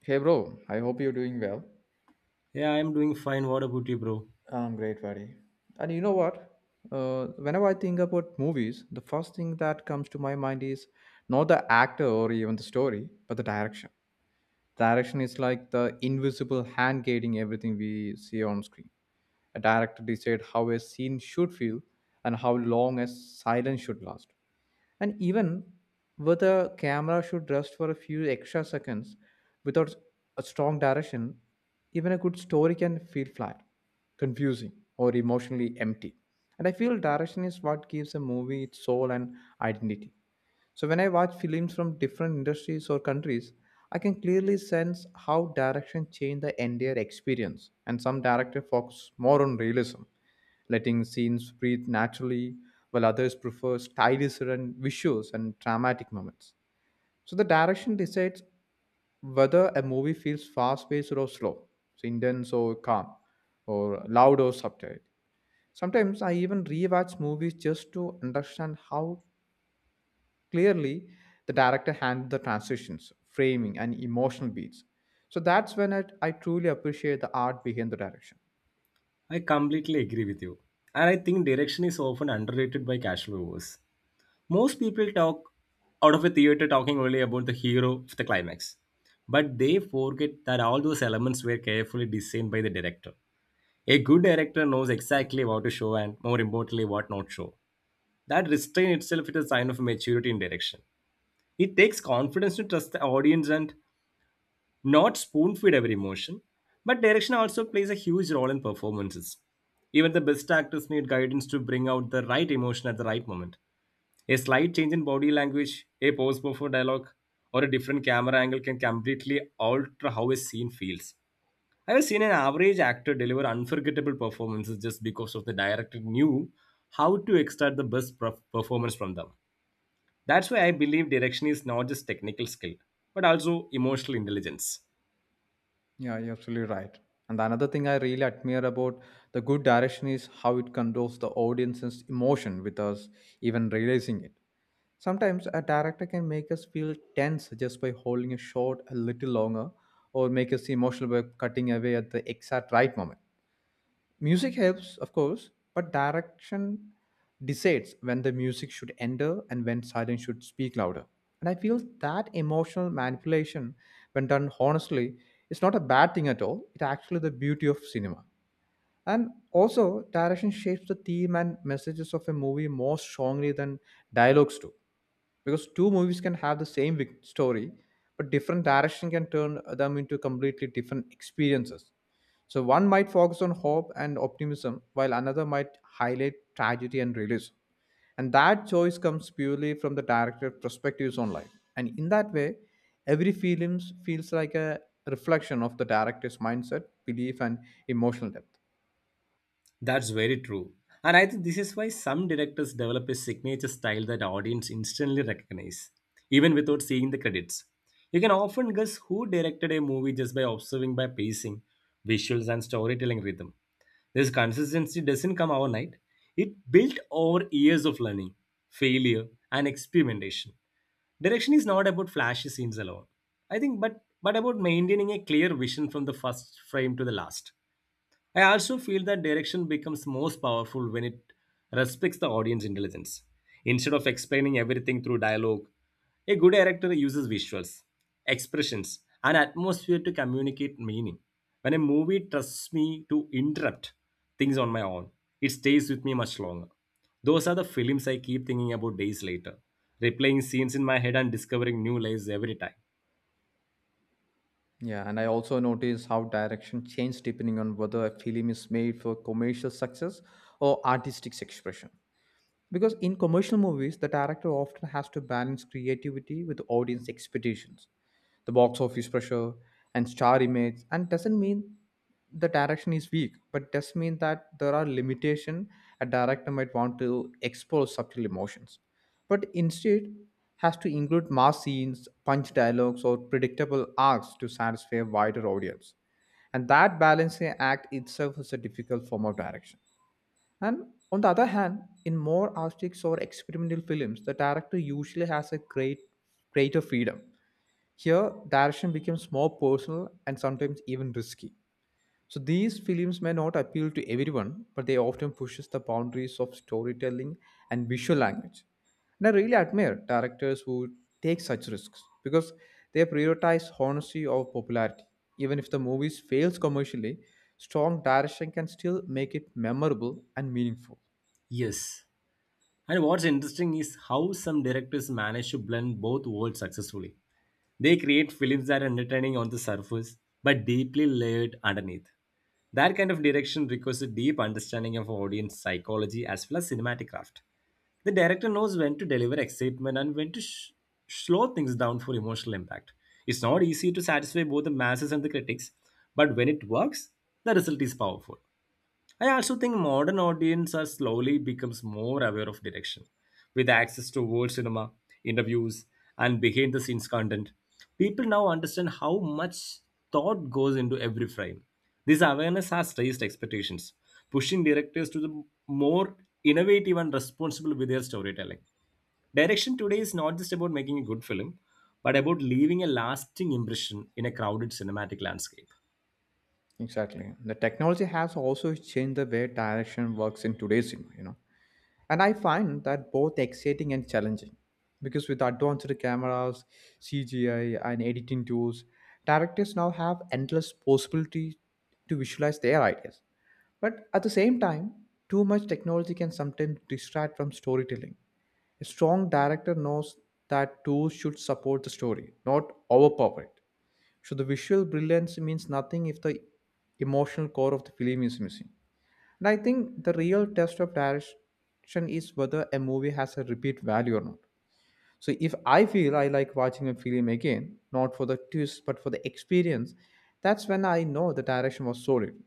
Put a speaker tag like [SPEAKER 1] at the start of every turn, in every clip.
[SPEAKER 1] Hey bro, I hope you're doing well.
[SPEAKER 2] Yeah, I'm doing fine. What about you, bro?
[SPEAKER 1] I'm great, buddy. And you know what? Whenever I think about movies, the first thing that comes to my mind is not the actor or even the story, but the direction. Direction is like the invisible hand guiding everything we see on screen. A director decides how a scene should feel and how long a silence should last. And even with a camera should rest for a few extra seconds. Without a strong direction, even a good story can feel flat, confusing, or emotionally empty. And I feel direction is what gives a movie its soul and identity. So when I watch films from different industries or countries, I can clearly sense how direction changed the entire experience. And some directors focus more on realism, letting scenes breathe naturally, while others prefer stylish and visuals and dramatic moments. So the direction decides whether a movie feels fast paced or slow, so intense or calm, or loud or subtle. Sometimes I even rewatch movies just to understand how clearly the director handled the transitions, framing, and emotional beats. So that's when I truly appreciate the art behind the direction.
[SPEAKER 2] I completely agree with you. And I think direction is often underrated by casual viewers. Most people talk out of a theater talking only about the hero of the climax. But they forget that all those elements were carefully designed by the director. A good director knows exactly what to show and, more importantly, what not show. That restraint itself is a sign of maturity in direction. It takes confidence to trust the audience and not spoon feed every emotion, but direction also plays a huge role in performances. Even the best actors need guidance to bring out the right emotion at the right moment. A slight change in body language, a pause before dialogue, or a different camera angle can completely alter how a scene feels. I have seen an average actor deliver unforgettable performances just because of the director knew how to extract the best performance from them. That's why I believe direction is not just technical skill, but also emotional intelligence.
[SPEAKER 1] Yeah, you're absolutely right. And another thing I really admire about the good direction is how it controls the audience's emotion without us even realizing it. Sometimes a director can make us feel tense just by holding a shot a little longer, or make us emotional by cutting away at the exact right moment. Music helps, of course, but direction decides when the music should enter and when silence should speak louder. And I feel that emotional manipulation, when done honestly, is not a bad thing at all. It's actually the beauty of cinema. And also, direction shapes the theme and messages of a movie more strongly than dialogues do, because two movies can have the same story, but different direction can turn them into completely different experiences. So one might focus on hope and optimism while another might highlight tragedy and realism, and that choice comes purely from the director's perspectives on life. And in that way, every film feels like a reflection of the director's mindset, belief, and emotional depth.
[SPEAKER 2] That's very true. And I think this is why some directors develop a signature style that audience instantly recognize, even without seeing the credits. You can often guess who directed a movie just by observing by pacing, visuals, and storytelling rhythm. This consistency doesn't come overnight. It built over years of learning, failure, and experimentation. Direction is not about flashy scenes alone. I think but about maintaining a clear vision from the first frame to the last. I also feel that direction becomes most powerful when it respects the audience intelligence. Instead of explaining everything through dialogue, a good director uses visuals, expressions, and atmosphere to communicate meaning. When a movie trusts me to interrupt things on my own, it stays with me much longer. Those are the films I keep thinking about days later, replaying scenes in my head and discovering new layers every time.
[SPEAKER 1] Yeah, and I also notice how direction changes depending on whether a film is made for commercial success or artistic expression. Because in commercial movies, the director often has to balance creativity with audience expectations, the box office pressure, and star image. And doesn't mean the direction is weak, but does mean that there are limitations. A director might want to expose subtle emotions. But instead, has to include mass scenes, punch dialogues, or predictable arcs to satisfy a wider audience. And that balancing act itself is a difficult form of direction. And on the other hand, in more artistic or experimental films, the director usually has a greater freedom. Here, direction becomes more personal and sometimes even risky. So these films may not appeal to everyone, but they often pushes the boundaries of storytelling and visual language. And I really admire directors who take such risks because they prioritize honesty over popularity. Even if the movie fails commercially, strong direction can still make it memorable and meaningful.
[SPEAKER 2] Yes. And what's interesting is how some directors manage to blend both worlds successfully. They create films that are entertaining on the surface but deeply layered underneath. That kind of direction requires a deep understanding of audience psychology as well as cinematic craft. The director knows when to deliver excitement and when to slow things down for emotional impact. It's not easy to satisfy both the masses and the critics, but when it works, the result is powerful. I also think modern audience are slowly becomes more aware of direction. With access to world cinema, interviews, and behind the scenes content, people now understand how much thought goes into every frame. This awareness has raised expectations, pushing directors to the more innovative and responsible with their storytelling. Direction today is not just about making a good film, but about leaving a lasting impression in a crowded cinematic landscape.
[SPEAKER 1] Exactly. The technology has also changed the way direction works in today's cinema, you know. And I find that both exciting and challenging because with advanced cameras, CGI, and editing tools, directors now have endless possibilities to visualize their ideas. But at the same time, too much technology can sometimes distract from storytelling. A strong director knows that tools should support the story, not overpower it. So the visual brilliance means nothing if the emotional core of the film is missing. And I think the real test of direction is whether a movie has a repeat value or not. So if I feel I like watching a film again, not for the twist but for the experience, that's when I know the direction was solid.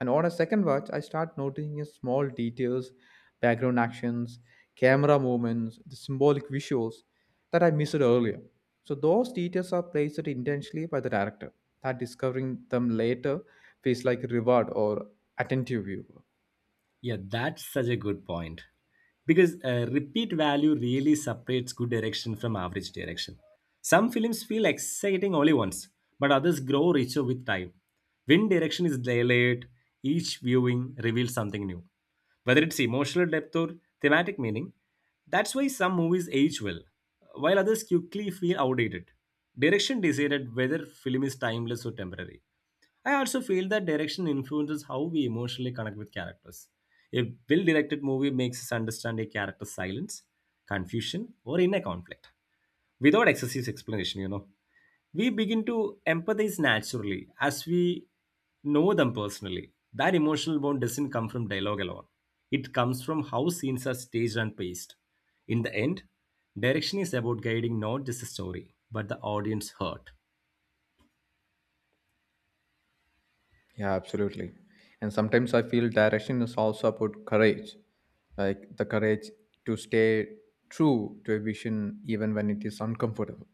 [SPEAKER 1] And on a second watch, I start noticing a small details, background actions, camera movements, the symbolic visuals that I missed earlier. So those details are placed intentionally by the director. That discovering them later feels like a reward or attentive viewer.
[SPEAKER 2] Yeah, that's such a good point. Because repeat value really separates good direction from average direction. Some films feel exciting only once, but others grow richer with time. When direction is delayed, each viewing reveals something new, whether it's emotional depth or thematic meaning. That's why some movies age well, while others quickly feel outdated. Direction decided whether film is timeless or temporary. I also feel that direction influences how we emotionally connect with characters. A well directed movie makes us understand a character's silence, confusion, or inner conflict without excessive explanation, you know. We begin to empathize naturally as we know them personally. That emotional bond doesn't come from dialogue alone, it comes from how scenes are staged and paced. In the end, direction is about guiding not just the story, but the audience heart.
[SPEAKER 1] Yeah, absolutely. And sometimes I feel direction is also about courage, like the courage to stay true to a vision even when it is uncomfortable.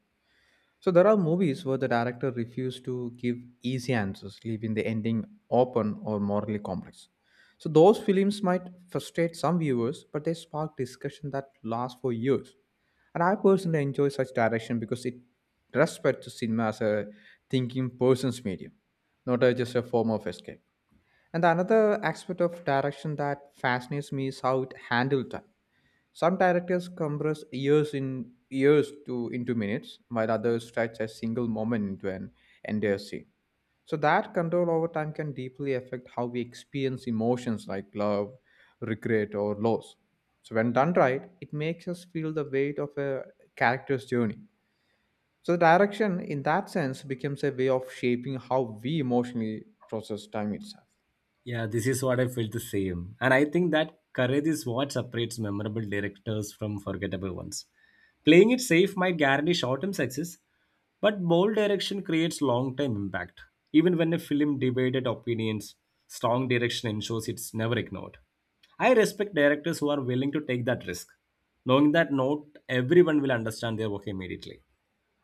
[SPEAKER 1] So there are movies where the director refused to give easy answers, leaving the ending open or morally complex. So those films might frustrate some viewers, but they spark discussion that lasts for years. And I personally enjoy such direction because it respects cinema as a thinking person's medium, not a, just a form of escape. And another aspect of direction that fascinates me is how it handled time. Some directors compress years to into minutes, while others stretch a single moment into an entire scene. So that control over time can deeply affect how we experience emotions like love, regret, or loss. So when done right, it makes us feel the weight of a character's journey. So the direction, in that sense, becomes a way of shaping how we emotionally process time itself.
[SPEAKER 2] Yeah, this is what I felt the same. And I think that courage is what separates memorable directors from forgettable ones. Playing it safe might guarantee short term success, but bold direction creates long term impact. Even when a film debated opinions, strong direction ensures it's never ignored. I respect directors who are willing to take that risk, knowing that not everyone will understand their work immediately.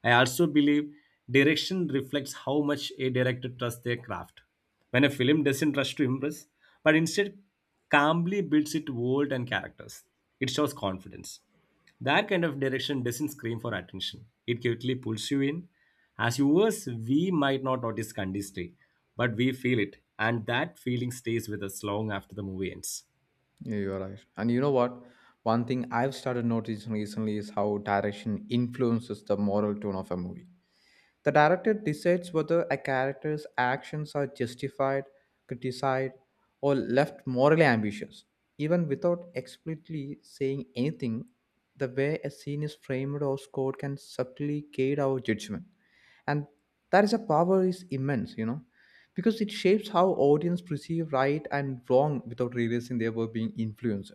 [SPEAKER 2] I also believe direction reflects how much a director trusts their craft. When a film doesn't rush to impress, but instead calmly builds its world and characters, it shows confidence. That kind of direction doesn't scream for attention. It quickly pulls you in. As viewers, we might not notice Kandisri, but we feel it, and that feeling stays with us long after the movie ends.
[SPEAKER 1] Yeah, you are right. And you know what? One thing I've started noticing recently is how direction influences the moral tone of a movie. The director decides whether a character's actions are justified, criticized, or left morally ambiguous. Even without explicitly saying anything, the way a scene is framed or scored can subtly guide our judgment. And that is a power is immense, you know, because it shapes how audience perceive right and wrong without realizing they were being influenced.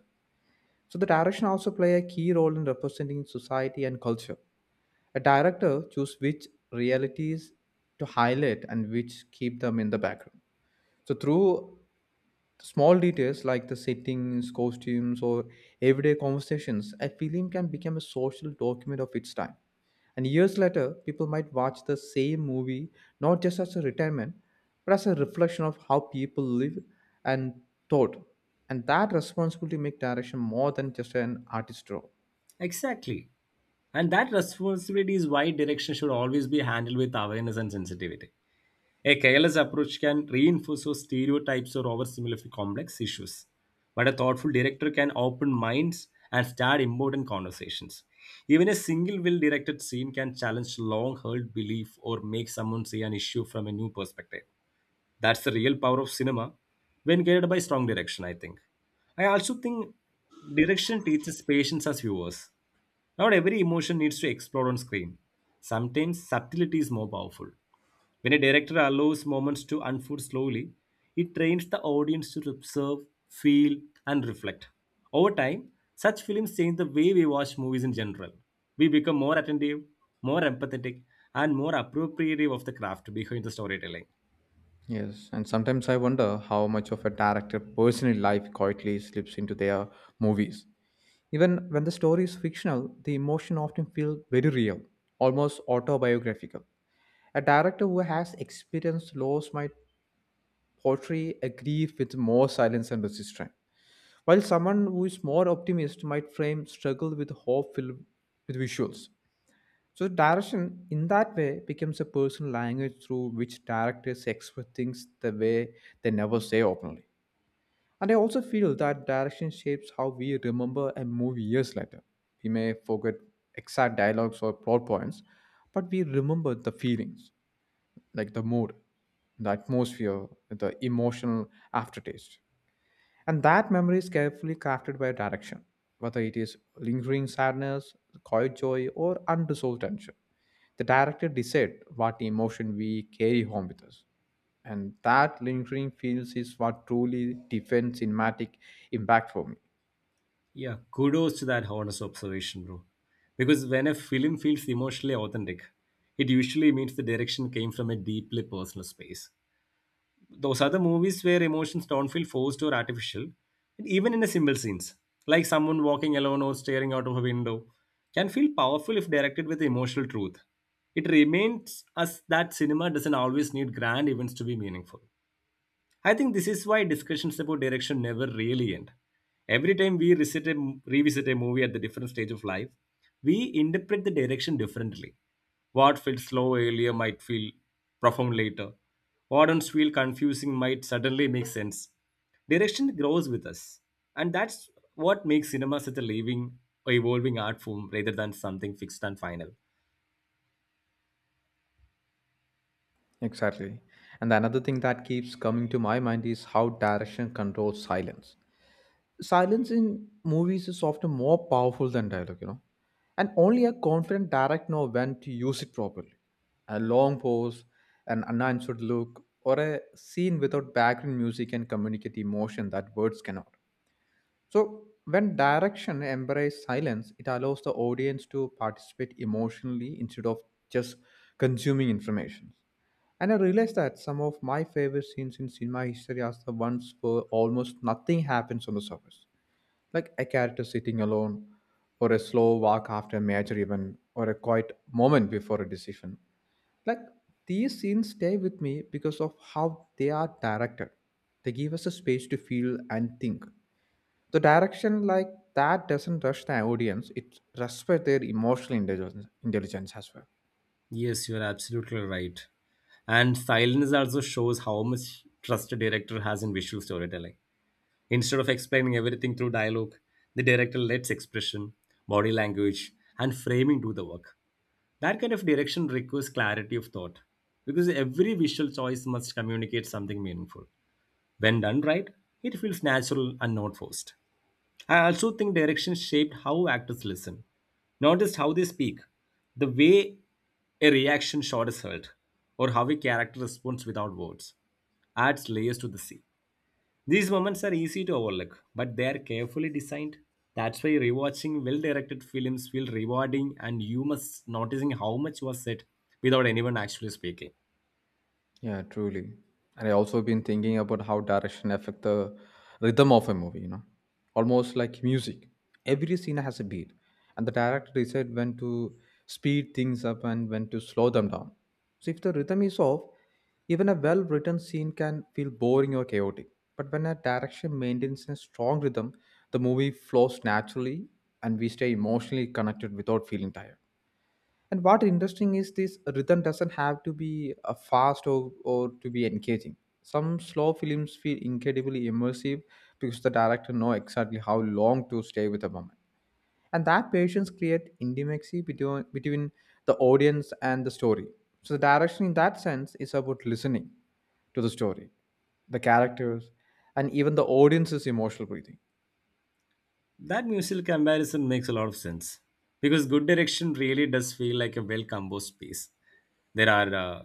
[SPEAKER 1] So the direction also play a key role in representing society and culture. A director chooses which realities to highlight and which keep them in the background. So through small details like the settings, costumes, or everyday conversations, a film can become a social document of its time. And years later, people might watch the same movie not just as a retirement, but as a reflection of how people live and thought. And that responsibility make direction more than just an artist role.
[SPEAKER 2] Exactly. And that responsibility is why direction should always be handled with awareness and sensitivity. A careless approach can reinforce those stereotypes or oversimplify complex issues, but a thoughtful director can open minds and start important conversations. Even a single well directed scene can challenge long held belief or make someone see an issue from a new perspective. That's the real power of cinema when guided by strong direction, I think. I also think direction teaches patience as viewers. Not every emotion needs to explode on screen. Sometimes subtlety is more powerful. When a director allows moments to unfold slowly, it trains the audience to observe, feel, and reflect. Over time, such films change the way we watch movies in general. We become more attentive, more empathetic, and more appropriative of the craft behind the storytelling.
[SPEAKER 1] Yes, and sometimes I wonder how much of a director' personal life quietly slips into their movies. Even when the story is fictional, the emotion often feels very real, almost autobiographical. A director who has experienced loss might portray a grief with more silence and resistance, while someone who is more optimist might frame struggle with hope filled with visuals. So, direction in that way becomes a personal language through which directors express things the way they never say openly. And I also feel that direction shapes how we remember a movie years later. We may forget exact dialogues or plot points, but we remember the feelings, like the mood, the atmosphere, the emotional aftertaste. And that memory is carefully crafted by direction, whether it is lingering sadness, quiet joy, or unresolved tension. The director decides what emotion we carry home with us. And that lingering feels is what truly defines cinematic impact for me.
[SPEAKER 2] Yeah, kudos to that honest observation, bro. Because when a film feels emotionally authentic, it usually means the direction came from a deeply personal space. Those other movies where emotions don't feel forced or artificial, and even in a simple scenes, like someone walking alone or staring out of a window, can feel powerful if directed with emotional truth. It reminds us that cinema doesn't always need grand events to be meaningful. I think this is why discussions about direction never really end. Every time we revisit a movie at the different stage of life, we interpret the direction differently. What felt slow earlier might feel profound later. What once feel confusing might suddenly make sense. Direction grows with us, and that's what makes cinema such a living, evolving art form rather than something fixed and final.
[SPEAKER 1] Exactly. And another thing that keeps coming to my mind is how direction controls silence. Silence in movies is often more powerful than dialogue, you know. And only a confident director knows when to use it properly. A long pause, an unanswered look, or a scene without background music can communicate emotion that words cannot. So, when direction embraces silence, it allows the audience to participate emotionally instead of just consuming information. And I realized that some of my favorite scenes in cinema history are the ones where almost nothing happens on the surface, like a character sitting alone, or a slow walk after a major event, or a quiet moment before a decision. Like, these scenes stay with me because of how they are directed. They give us a space to feel and think. The direction like that doesn't rush the audience; it respects their emotional intelligence as well.
[SPEAKER 2] Yes, you're absolutely right. And silence also shows how much trust a director has in visual storytelling. Instead of explaining everything through dialogue, the director lets expression, body language, and framing do the work. That kind of direction requires clarity of thought because every visual choice must communicate something meaningful. When done right, it feels natural and not forced. I also think direction shaped how actors listen, not just how they speak, the way a reaction shot is held, or how a character responds without words, adds layers to the scene. These moments are easy to overlook, but they are carefully designed. That's why rewatching well-directed films feel rewarding, and you must noticing how much was said without anyone actually speaking.
[SPEAKER 1] Yeah, truly. And I also been thinking about how direction affect the rhythm of a movie, you know. Almost like music. Every scene has a beat. And the director decide when to speed things up and when to slow them down. So if the rhythm is off, even a well written scene can feel boring or chaotic. But when a direction maintains a strong rhythm, the movie flows naturally and we stay emotionally connected without feeling tired. And what interesting is this rhythm doesn't have to be fast or to be engaging. Some slow films feel incredibly immersive because the director knows exactly how long to stay with a moment. And that patience creates intimacy between the audience and the story. So the direction in that sense is about listening to the story, the characters, and even the audience's emotional breathing.
[SPEAKER 2] That musical comparison makes a lot of sense because good direction really does feel like a well composed piece. There are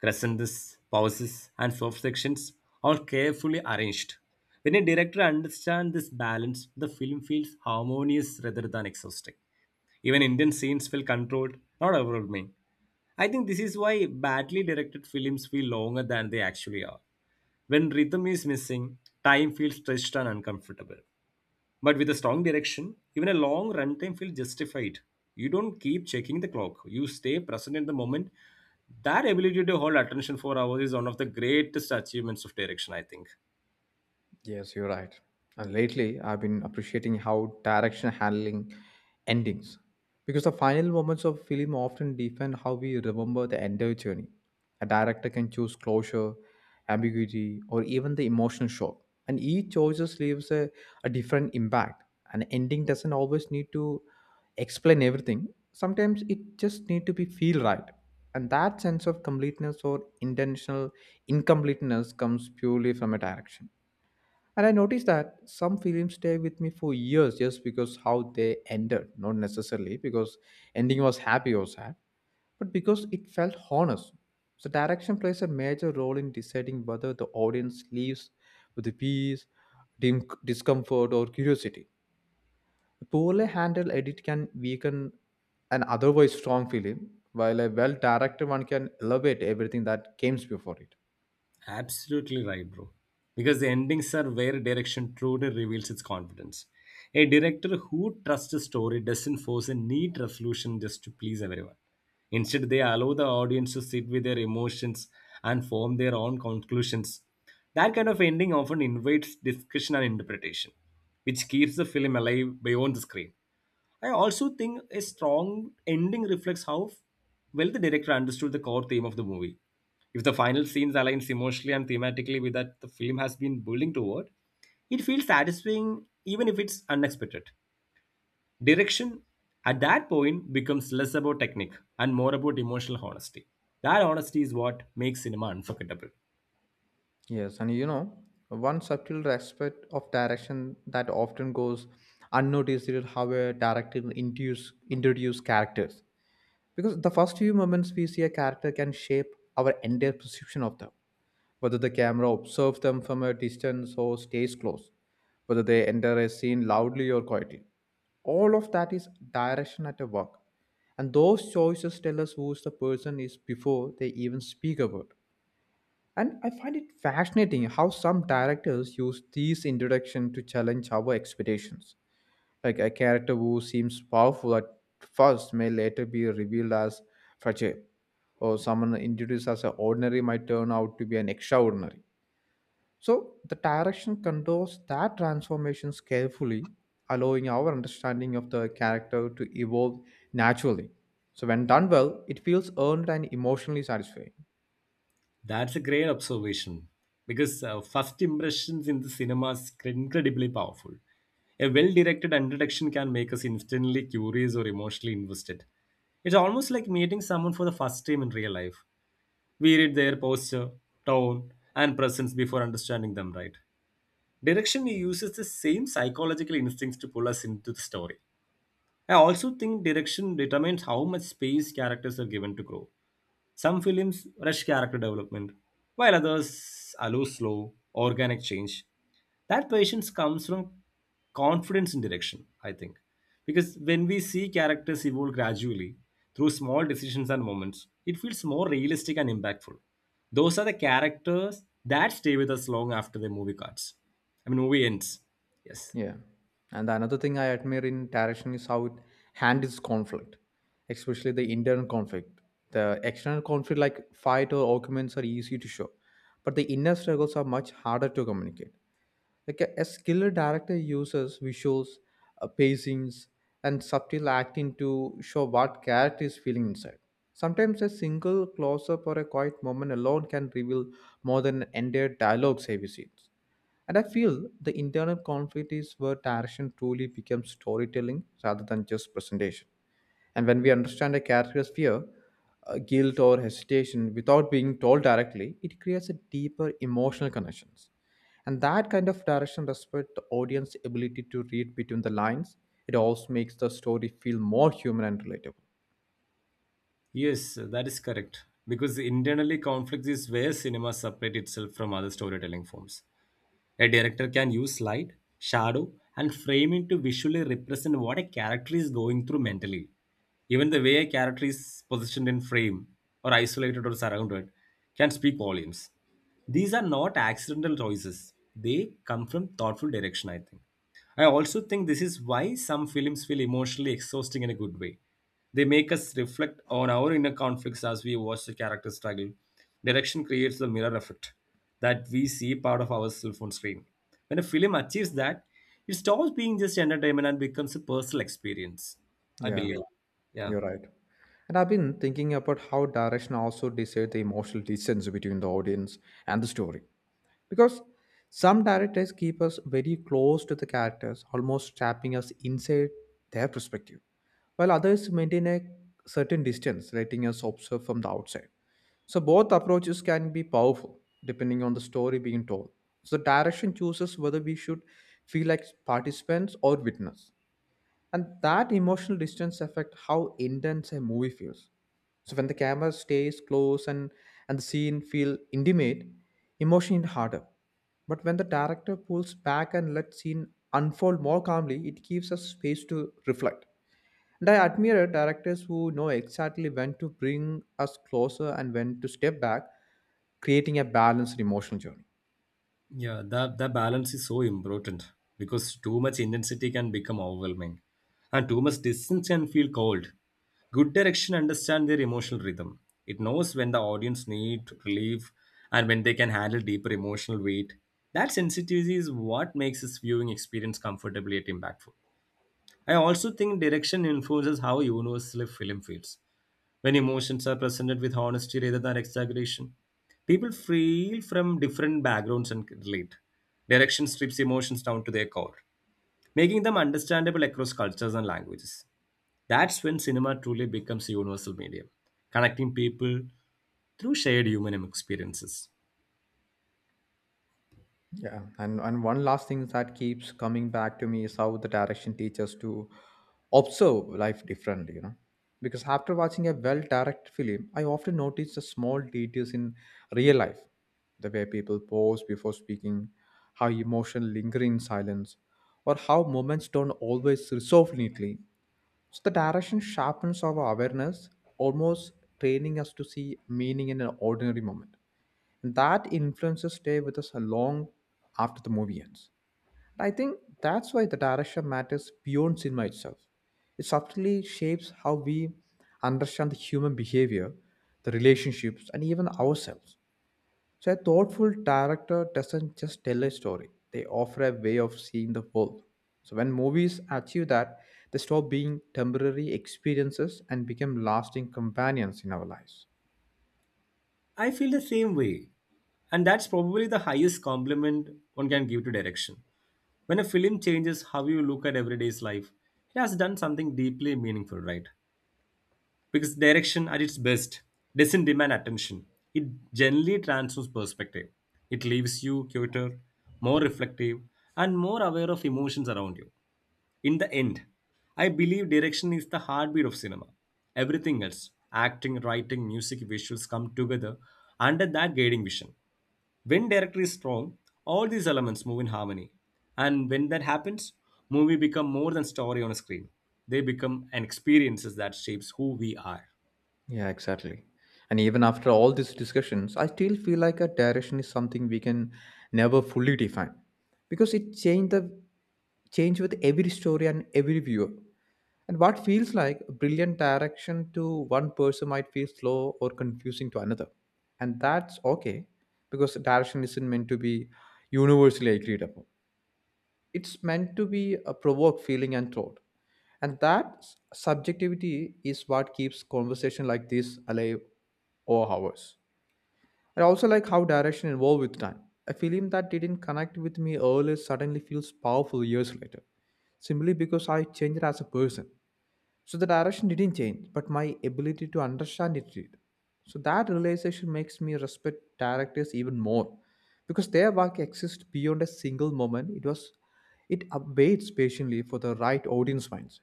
[SPEAKER 2] crescendos, pauses, and soft sections, all carefully arranged. When a director understands this balance, the film feels harmonious rather than exhausting. Even Indian scenes feel controlled, not overwhelming. I think this is why badly directed films feel longer than they actually are. When rhythm is missing, time feels stretched and uncomfortable. But with a strong direction, even a long runtime feels justified. You don't keep checking the clock, you stay present in the moment. That ability to hold attention for hours is one of the greatest achievements of direction, I think.
[SPEAKER 1] Yes, you're right. And lately, I've been appreciating how direction handling endings, because the final moments of film often define how we remember the entire journey. A director can choose closure, ambiguity, or even the emotional shock, and each choice leaves a different impact. An ending doesn't always need to explain everything. Sometimes it just need to be feel right, and that sense of completeness or intentional incompleteness comes purely from a direction. And I noticed that some films stay with me for years just because how they ended, not necessarily because ending was happy or sad, but because it felt honest. So direction plays a major role in deciding whether the audience leaves with a peace, discomfort, or curiosity. A poorly handled edit can weaken an otherwise strong film, while a well-directed one can elevate everything that came before it.
[SPEAKER 2] Absolutely right, bro. Because the endings are where direction truly reveals its confidence. A director who trusts a story doesn't force a neat resolution just to please everyone. Instead, they allow the audience to sit with their emotions and form their own conclusions. That kind of ending often invites discussion and interpretation, which keeps the film alive beyond the screen. I also think a strong ending reflects how well the director understood the core theme of the movie. If the final scenes aligns emotionally and thematically with that the film has been building toward, it feels satisfying even if it's unexpected. Direction at that point becomes less about technique and more about emotional honesty. That honesty is what makes cinema unforgettable.
[SPEAKER 1] Yes, and you know, one subtle aspect of direction that often goes unnoticed is how a director introduce characters. Because the first few moments we see a character can shape our entire perception of them, whether the camera observes them from a distance or stays close, whether they enter a scene loudly or quietly. All of that is direction at a work. And those choices tell us who is the person is before they even speak a word. And I find it fascinating how some directors use these introduction to challenge our expectations. Like a character who seems powerful at first may later be revealed as fragile, or someone introduced as an ordinary might turn out to be an extraordinary. So the direction controls that transformations carefully, allowing our understanding of the character to evolve naturally. So when done well, it feels earned and emotionally satisfying.
[SPEAKER 2] That's a great observation because first impressions in the cinema is incredibly powerful. A well directed introduction can make us instantly curious or emotionally invested. It's almost like meeting someone for the first time in real life. We read their posture, tone, and presence before understanding them, right? Direction uses the same psychological instincts to pull us into the story. I also think direction determines how much space characters are given to grow. Some films rush character development, while others allow slow, organic change. That patience comes from confidence in direction, I think, because when we see characters evolve gradually through small decisions and moments, it feels more realistic and impactful. Those are the characters that stay with us long after the movie cuts I mean movie ends Yes.
[SPEAKER 1] Yeah. And another thing I admire in Tarashin is how it handles conflict, especially the internal conflict. The external conflict, like fight or arguments, are easy to show, but the inner struggles are much harder to communicate. Like a skilled director uses visuals, pacings, and subtle acting to show what character is feeling inside. Sometimes a single close up or a quiet moment alone can reveal more than an entire dialogue heavy scenes. And I feel the internal conflict is where direction truly becomes storytelling rather than just presentation. And when we understand a character's fear, guilt, or hesitation without being told directly, it creates a deeper emotional connections. And that kind of direction respects the audience's ability to read between the lines. It also makes the story feel more human and relatable.
[SPEAKER 2] Yes, that is correct because internally conflict is where cinema separates itself from other storytelling forms. A director can use light, shadow, and framing to visually represent what a character is going through mentally. Even the way a character is positioned in frame, or isolated or surrounded, can speak volumes. These are not accidental choices, they come from thoughtful direction, I think. I also think this is why some films feel emotionally exhausting in a good way. They make us reflect on our inner conflicts as we watch the character struggle. Direction creates the mirror effect that we see part of ourselves on screen. When a film achieves that, it stops being just entertainment and becomes a personal experience. I
[SPEAKER 1] Yeah,
[SPEAKER 2] believe. Yeah.
[SPEAKER 1] you're right. And I've been thinking about how direction also decides the emotional distance between the audience and the story, because some directors keep us very close to the characters, almost trapping us inside their perspective, while others maintain a certain distance, letting us observe from the outside. So both approaches can be powerful, depending on the story being told. So the direction chooses whether we should feel like participants or witness, and that emotional distance affect how intense a movie feels. So when the camera stays close and the scene feel intimate, emotion is harder. But when the director pulls back and lets scene unfold more calmly, it gives us space to reflect. And I admire directors who know exactly when to bring us closer and when to step back, creating a balanced emotional journey.
[SPEAKER 2] Yeah, that balance is so important because too much intensity can become overwhelming, and too much distance can feel cold. Good direction understands their emotional rhythm. It knows when the audience need relief and when they can handle deeper emotional weight. That sensitivity is what makes this viewing experience comfortably yet impactful. I also think direction influences how universal a film feels. When emotions are presented with honesty rather than exaggeration, people feel from different backgrounds and can relate. Direction strips emotions down to their core, making them understandable across cultures and languages. That's when cinema truly becomes a universal medium, connecting people through shared human experiences.
[SPEAKER 1] Yeah, and one last thing that keeps coming back to me is how the direction teaches to observe life differently, you know. Because after watching a well directed film, I often notice the small details in real life, the way people pause before speaking, how emotion linger in silence, or how moments don't always resolve neatly. So the direction sharpens our awareness, almost training us to see meaning in an ordinary moment that influences stay with us a long after the movie ends. I think that's why the direction matters beyond cinema itself. It subtly shapes how we understand the human behavior, the relationships, and even ourselves. So, a thoughtful director doesn't just tell a story, they offer a way of seeing the world. So, when movies achieve that, they stop being temporary experiences and become lasting companions in our lives.
[SPEAKER 2] I feel the same way, and that's probably the highest compliment one can give to direction. When a film changes how you look at everyday's life, it has done something deeply meaningful, right? Because direction at its best doesn't demand attention. It generally transforms perspective. It leaves you quieter, more reflective, and more aware of emotions around you. In the end, I believe direction is the heartbeat of cinema. Everything else, acting, writing, music, visuals come together under that guiding vision. When director is strong, all these elements move in harmony. And when that happens, movie become more than story on a screen. They become an experiences that shapes who we are.
[SPEAKER 1] Yeah, exactly. And even after all these discussions, I still feel like a direction is something we can never fully define because it change with every story and every viewer. And what feels like a brilliant direction to one person might feel slow or confusing to another. And that's okay, because direction isn't meant to be universally agreed upon. It's meant to be a provoke feeling and thought, and that subjectivity is what keeps conversation like this alive over hours. I also like how direction evolved with time. A film that didn't connect with me earlier suddenly feels powerful years later, simply because I changed as a person. So the direction didn't change, but my ability to understand it did. So that realization makes me respect directors even more, because their work exists beyond a single moment. It waits patiently for the right audience mindset.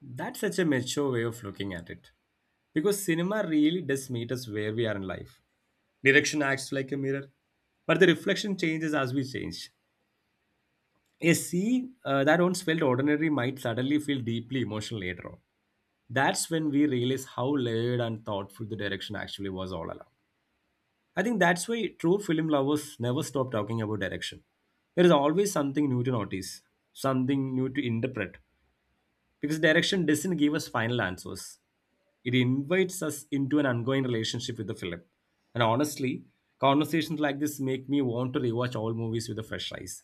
[SPEAKER 2] That's such a mature way of looking at it. Because cinema really does meet us where we are in life. Direction acts like a mirror, but the reflection changes as we change. A sea that once felt ordinary might suddenly feel deeply emotional later on. That's when we realize how layered and thoughtful the direction actually was all along. I think that's why true film lovers never stop talking about direction. There is always something new to notice, something new to interpret, because direction doesn't give us final answers. It invites us into an ongoing relationship with the film. And honestly, conversations like this make me want to rewatch all movies with a fresh eyes,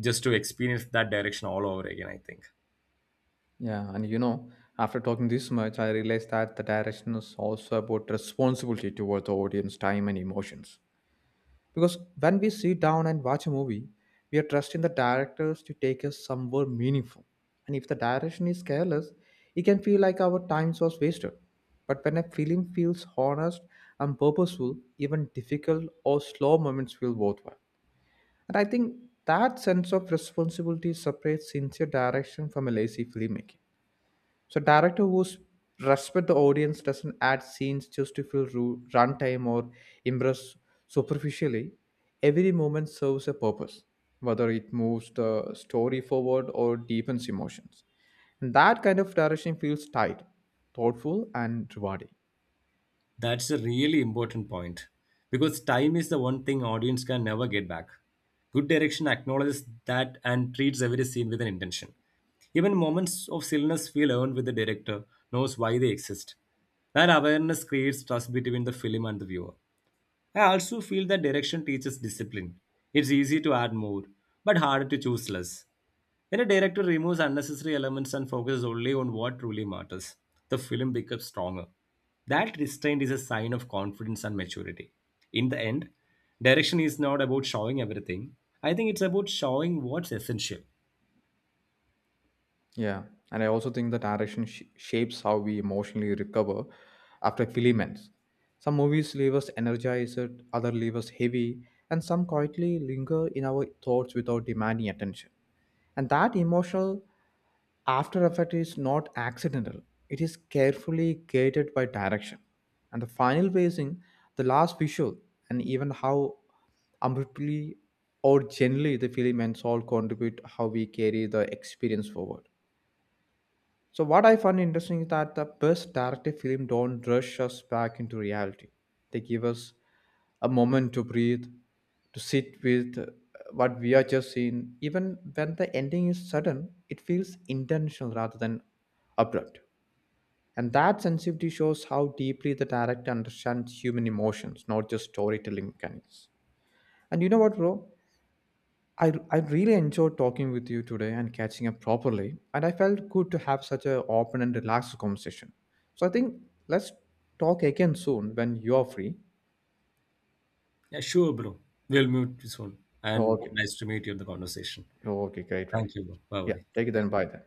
[SPEAKER 2] just to experience that direction all over again, I think.
[SPEAKER 1] Yeah, and you know, after talking this much, I realized that the direction is also about responsibility toward the audience, time and emotions. Because when we sit down and watch a movie, we are trusting the directors to take us somewhere meaningful. And if the direction is careless, it can feel like our time was wasted. But when a film feels honest and purposeful, even difficult or slow moments feel worthwhile. And I think that sense of responsibility separates sincere direction from a lazy filmmaking. So director who respect the audience doesn't add scenes just to fill runtime or impress superficially. Every moment serves a purpose, whether it moves the story forward or deepens emotions. And that kind of direction feels tight, thoughtful, and rewarding.
[SPEAKER 2] That's a really important point because time is the one thing audience can never get back. Good direction acknowledges that and treats every scene with an intention. Even moments of stillness feel earned with the director knows why they exist. That awareness creates trust between the film and the viewer. I also feel that direction teaches discipline. It's easy to add more, but harder to choose less. When a director removes unnecessary elements and focuses only on what truly matters, the film becomes stronger. That restraint is a sign of confidence and maturity. In the end, direction is not about showing everything. I think it's about showing what's essential.
[SPEAKER 1] Yeah, and I also think the direction shapes how we emotionally recover after film ends. Some movies leave us energized, others leave us heavy, and some quietly linger in our thoughts without demanding attention. And that emotional after effect is not accidental; it is carefully guided by direction. And the final pacing, the last visual, and even how abruptly or gently the film ends all contribute how we carry the experience forward. So what I find interesting is that the best directed film don't rush us back into reality. They give us a moment to breathe, to sit with what we are just seeing. Even when the ending is sudden, it feels intentional rather than abrupt. And that sensitivity shows how deeply the director understands human emotions, not just storytelling mechanics. And you know what, bro? I really enjoyed talking with you today and catching up properly, and I felt good to have such an open and relaxed conversation. So I think let's talk again soon when you are free.
[SPEAKER 2] Yeah, sure, bro. We'll meet soon. And
[SPEAKER 1] Okay.
[SPEAKER 2] nice to meet you in the conversation.
[SPEAKER 1] Okay, great, buddy.
[SPEAKER 2] Thank you, bro. Bye
[SPEAKER 1] Yeah, take it
[SPEAKER 2] bye.
[SPEAKER 1] then. Bye then.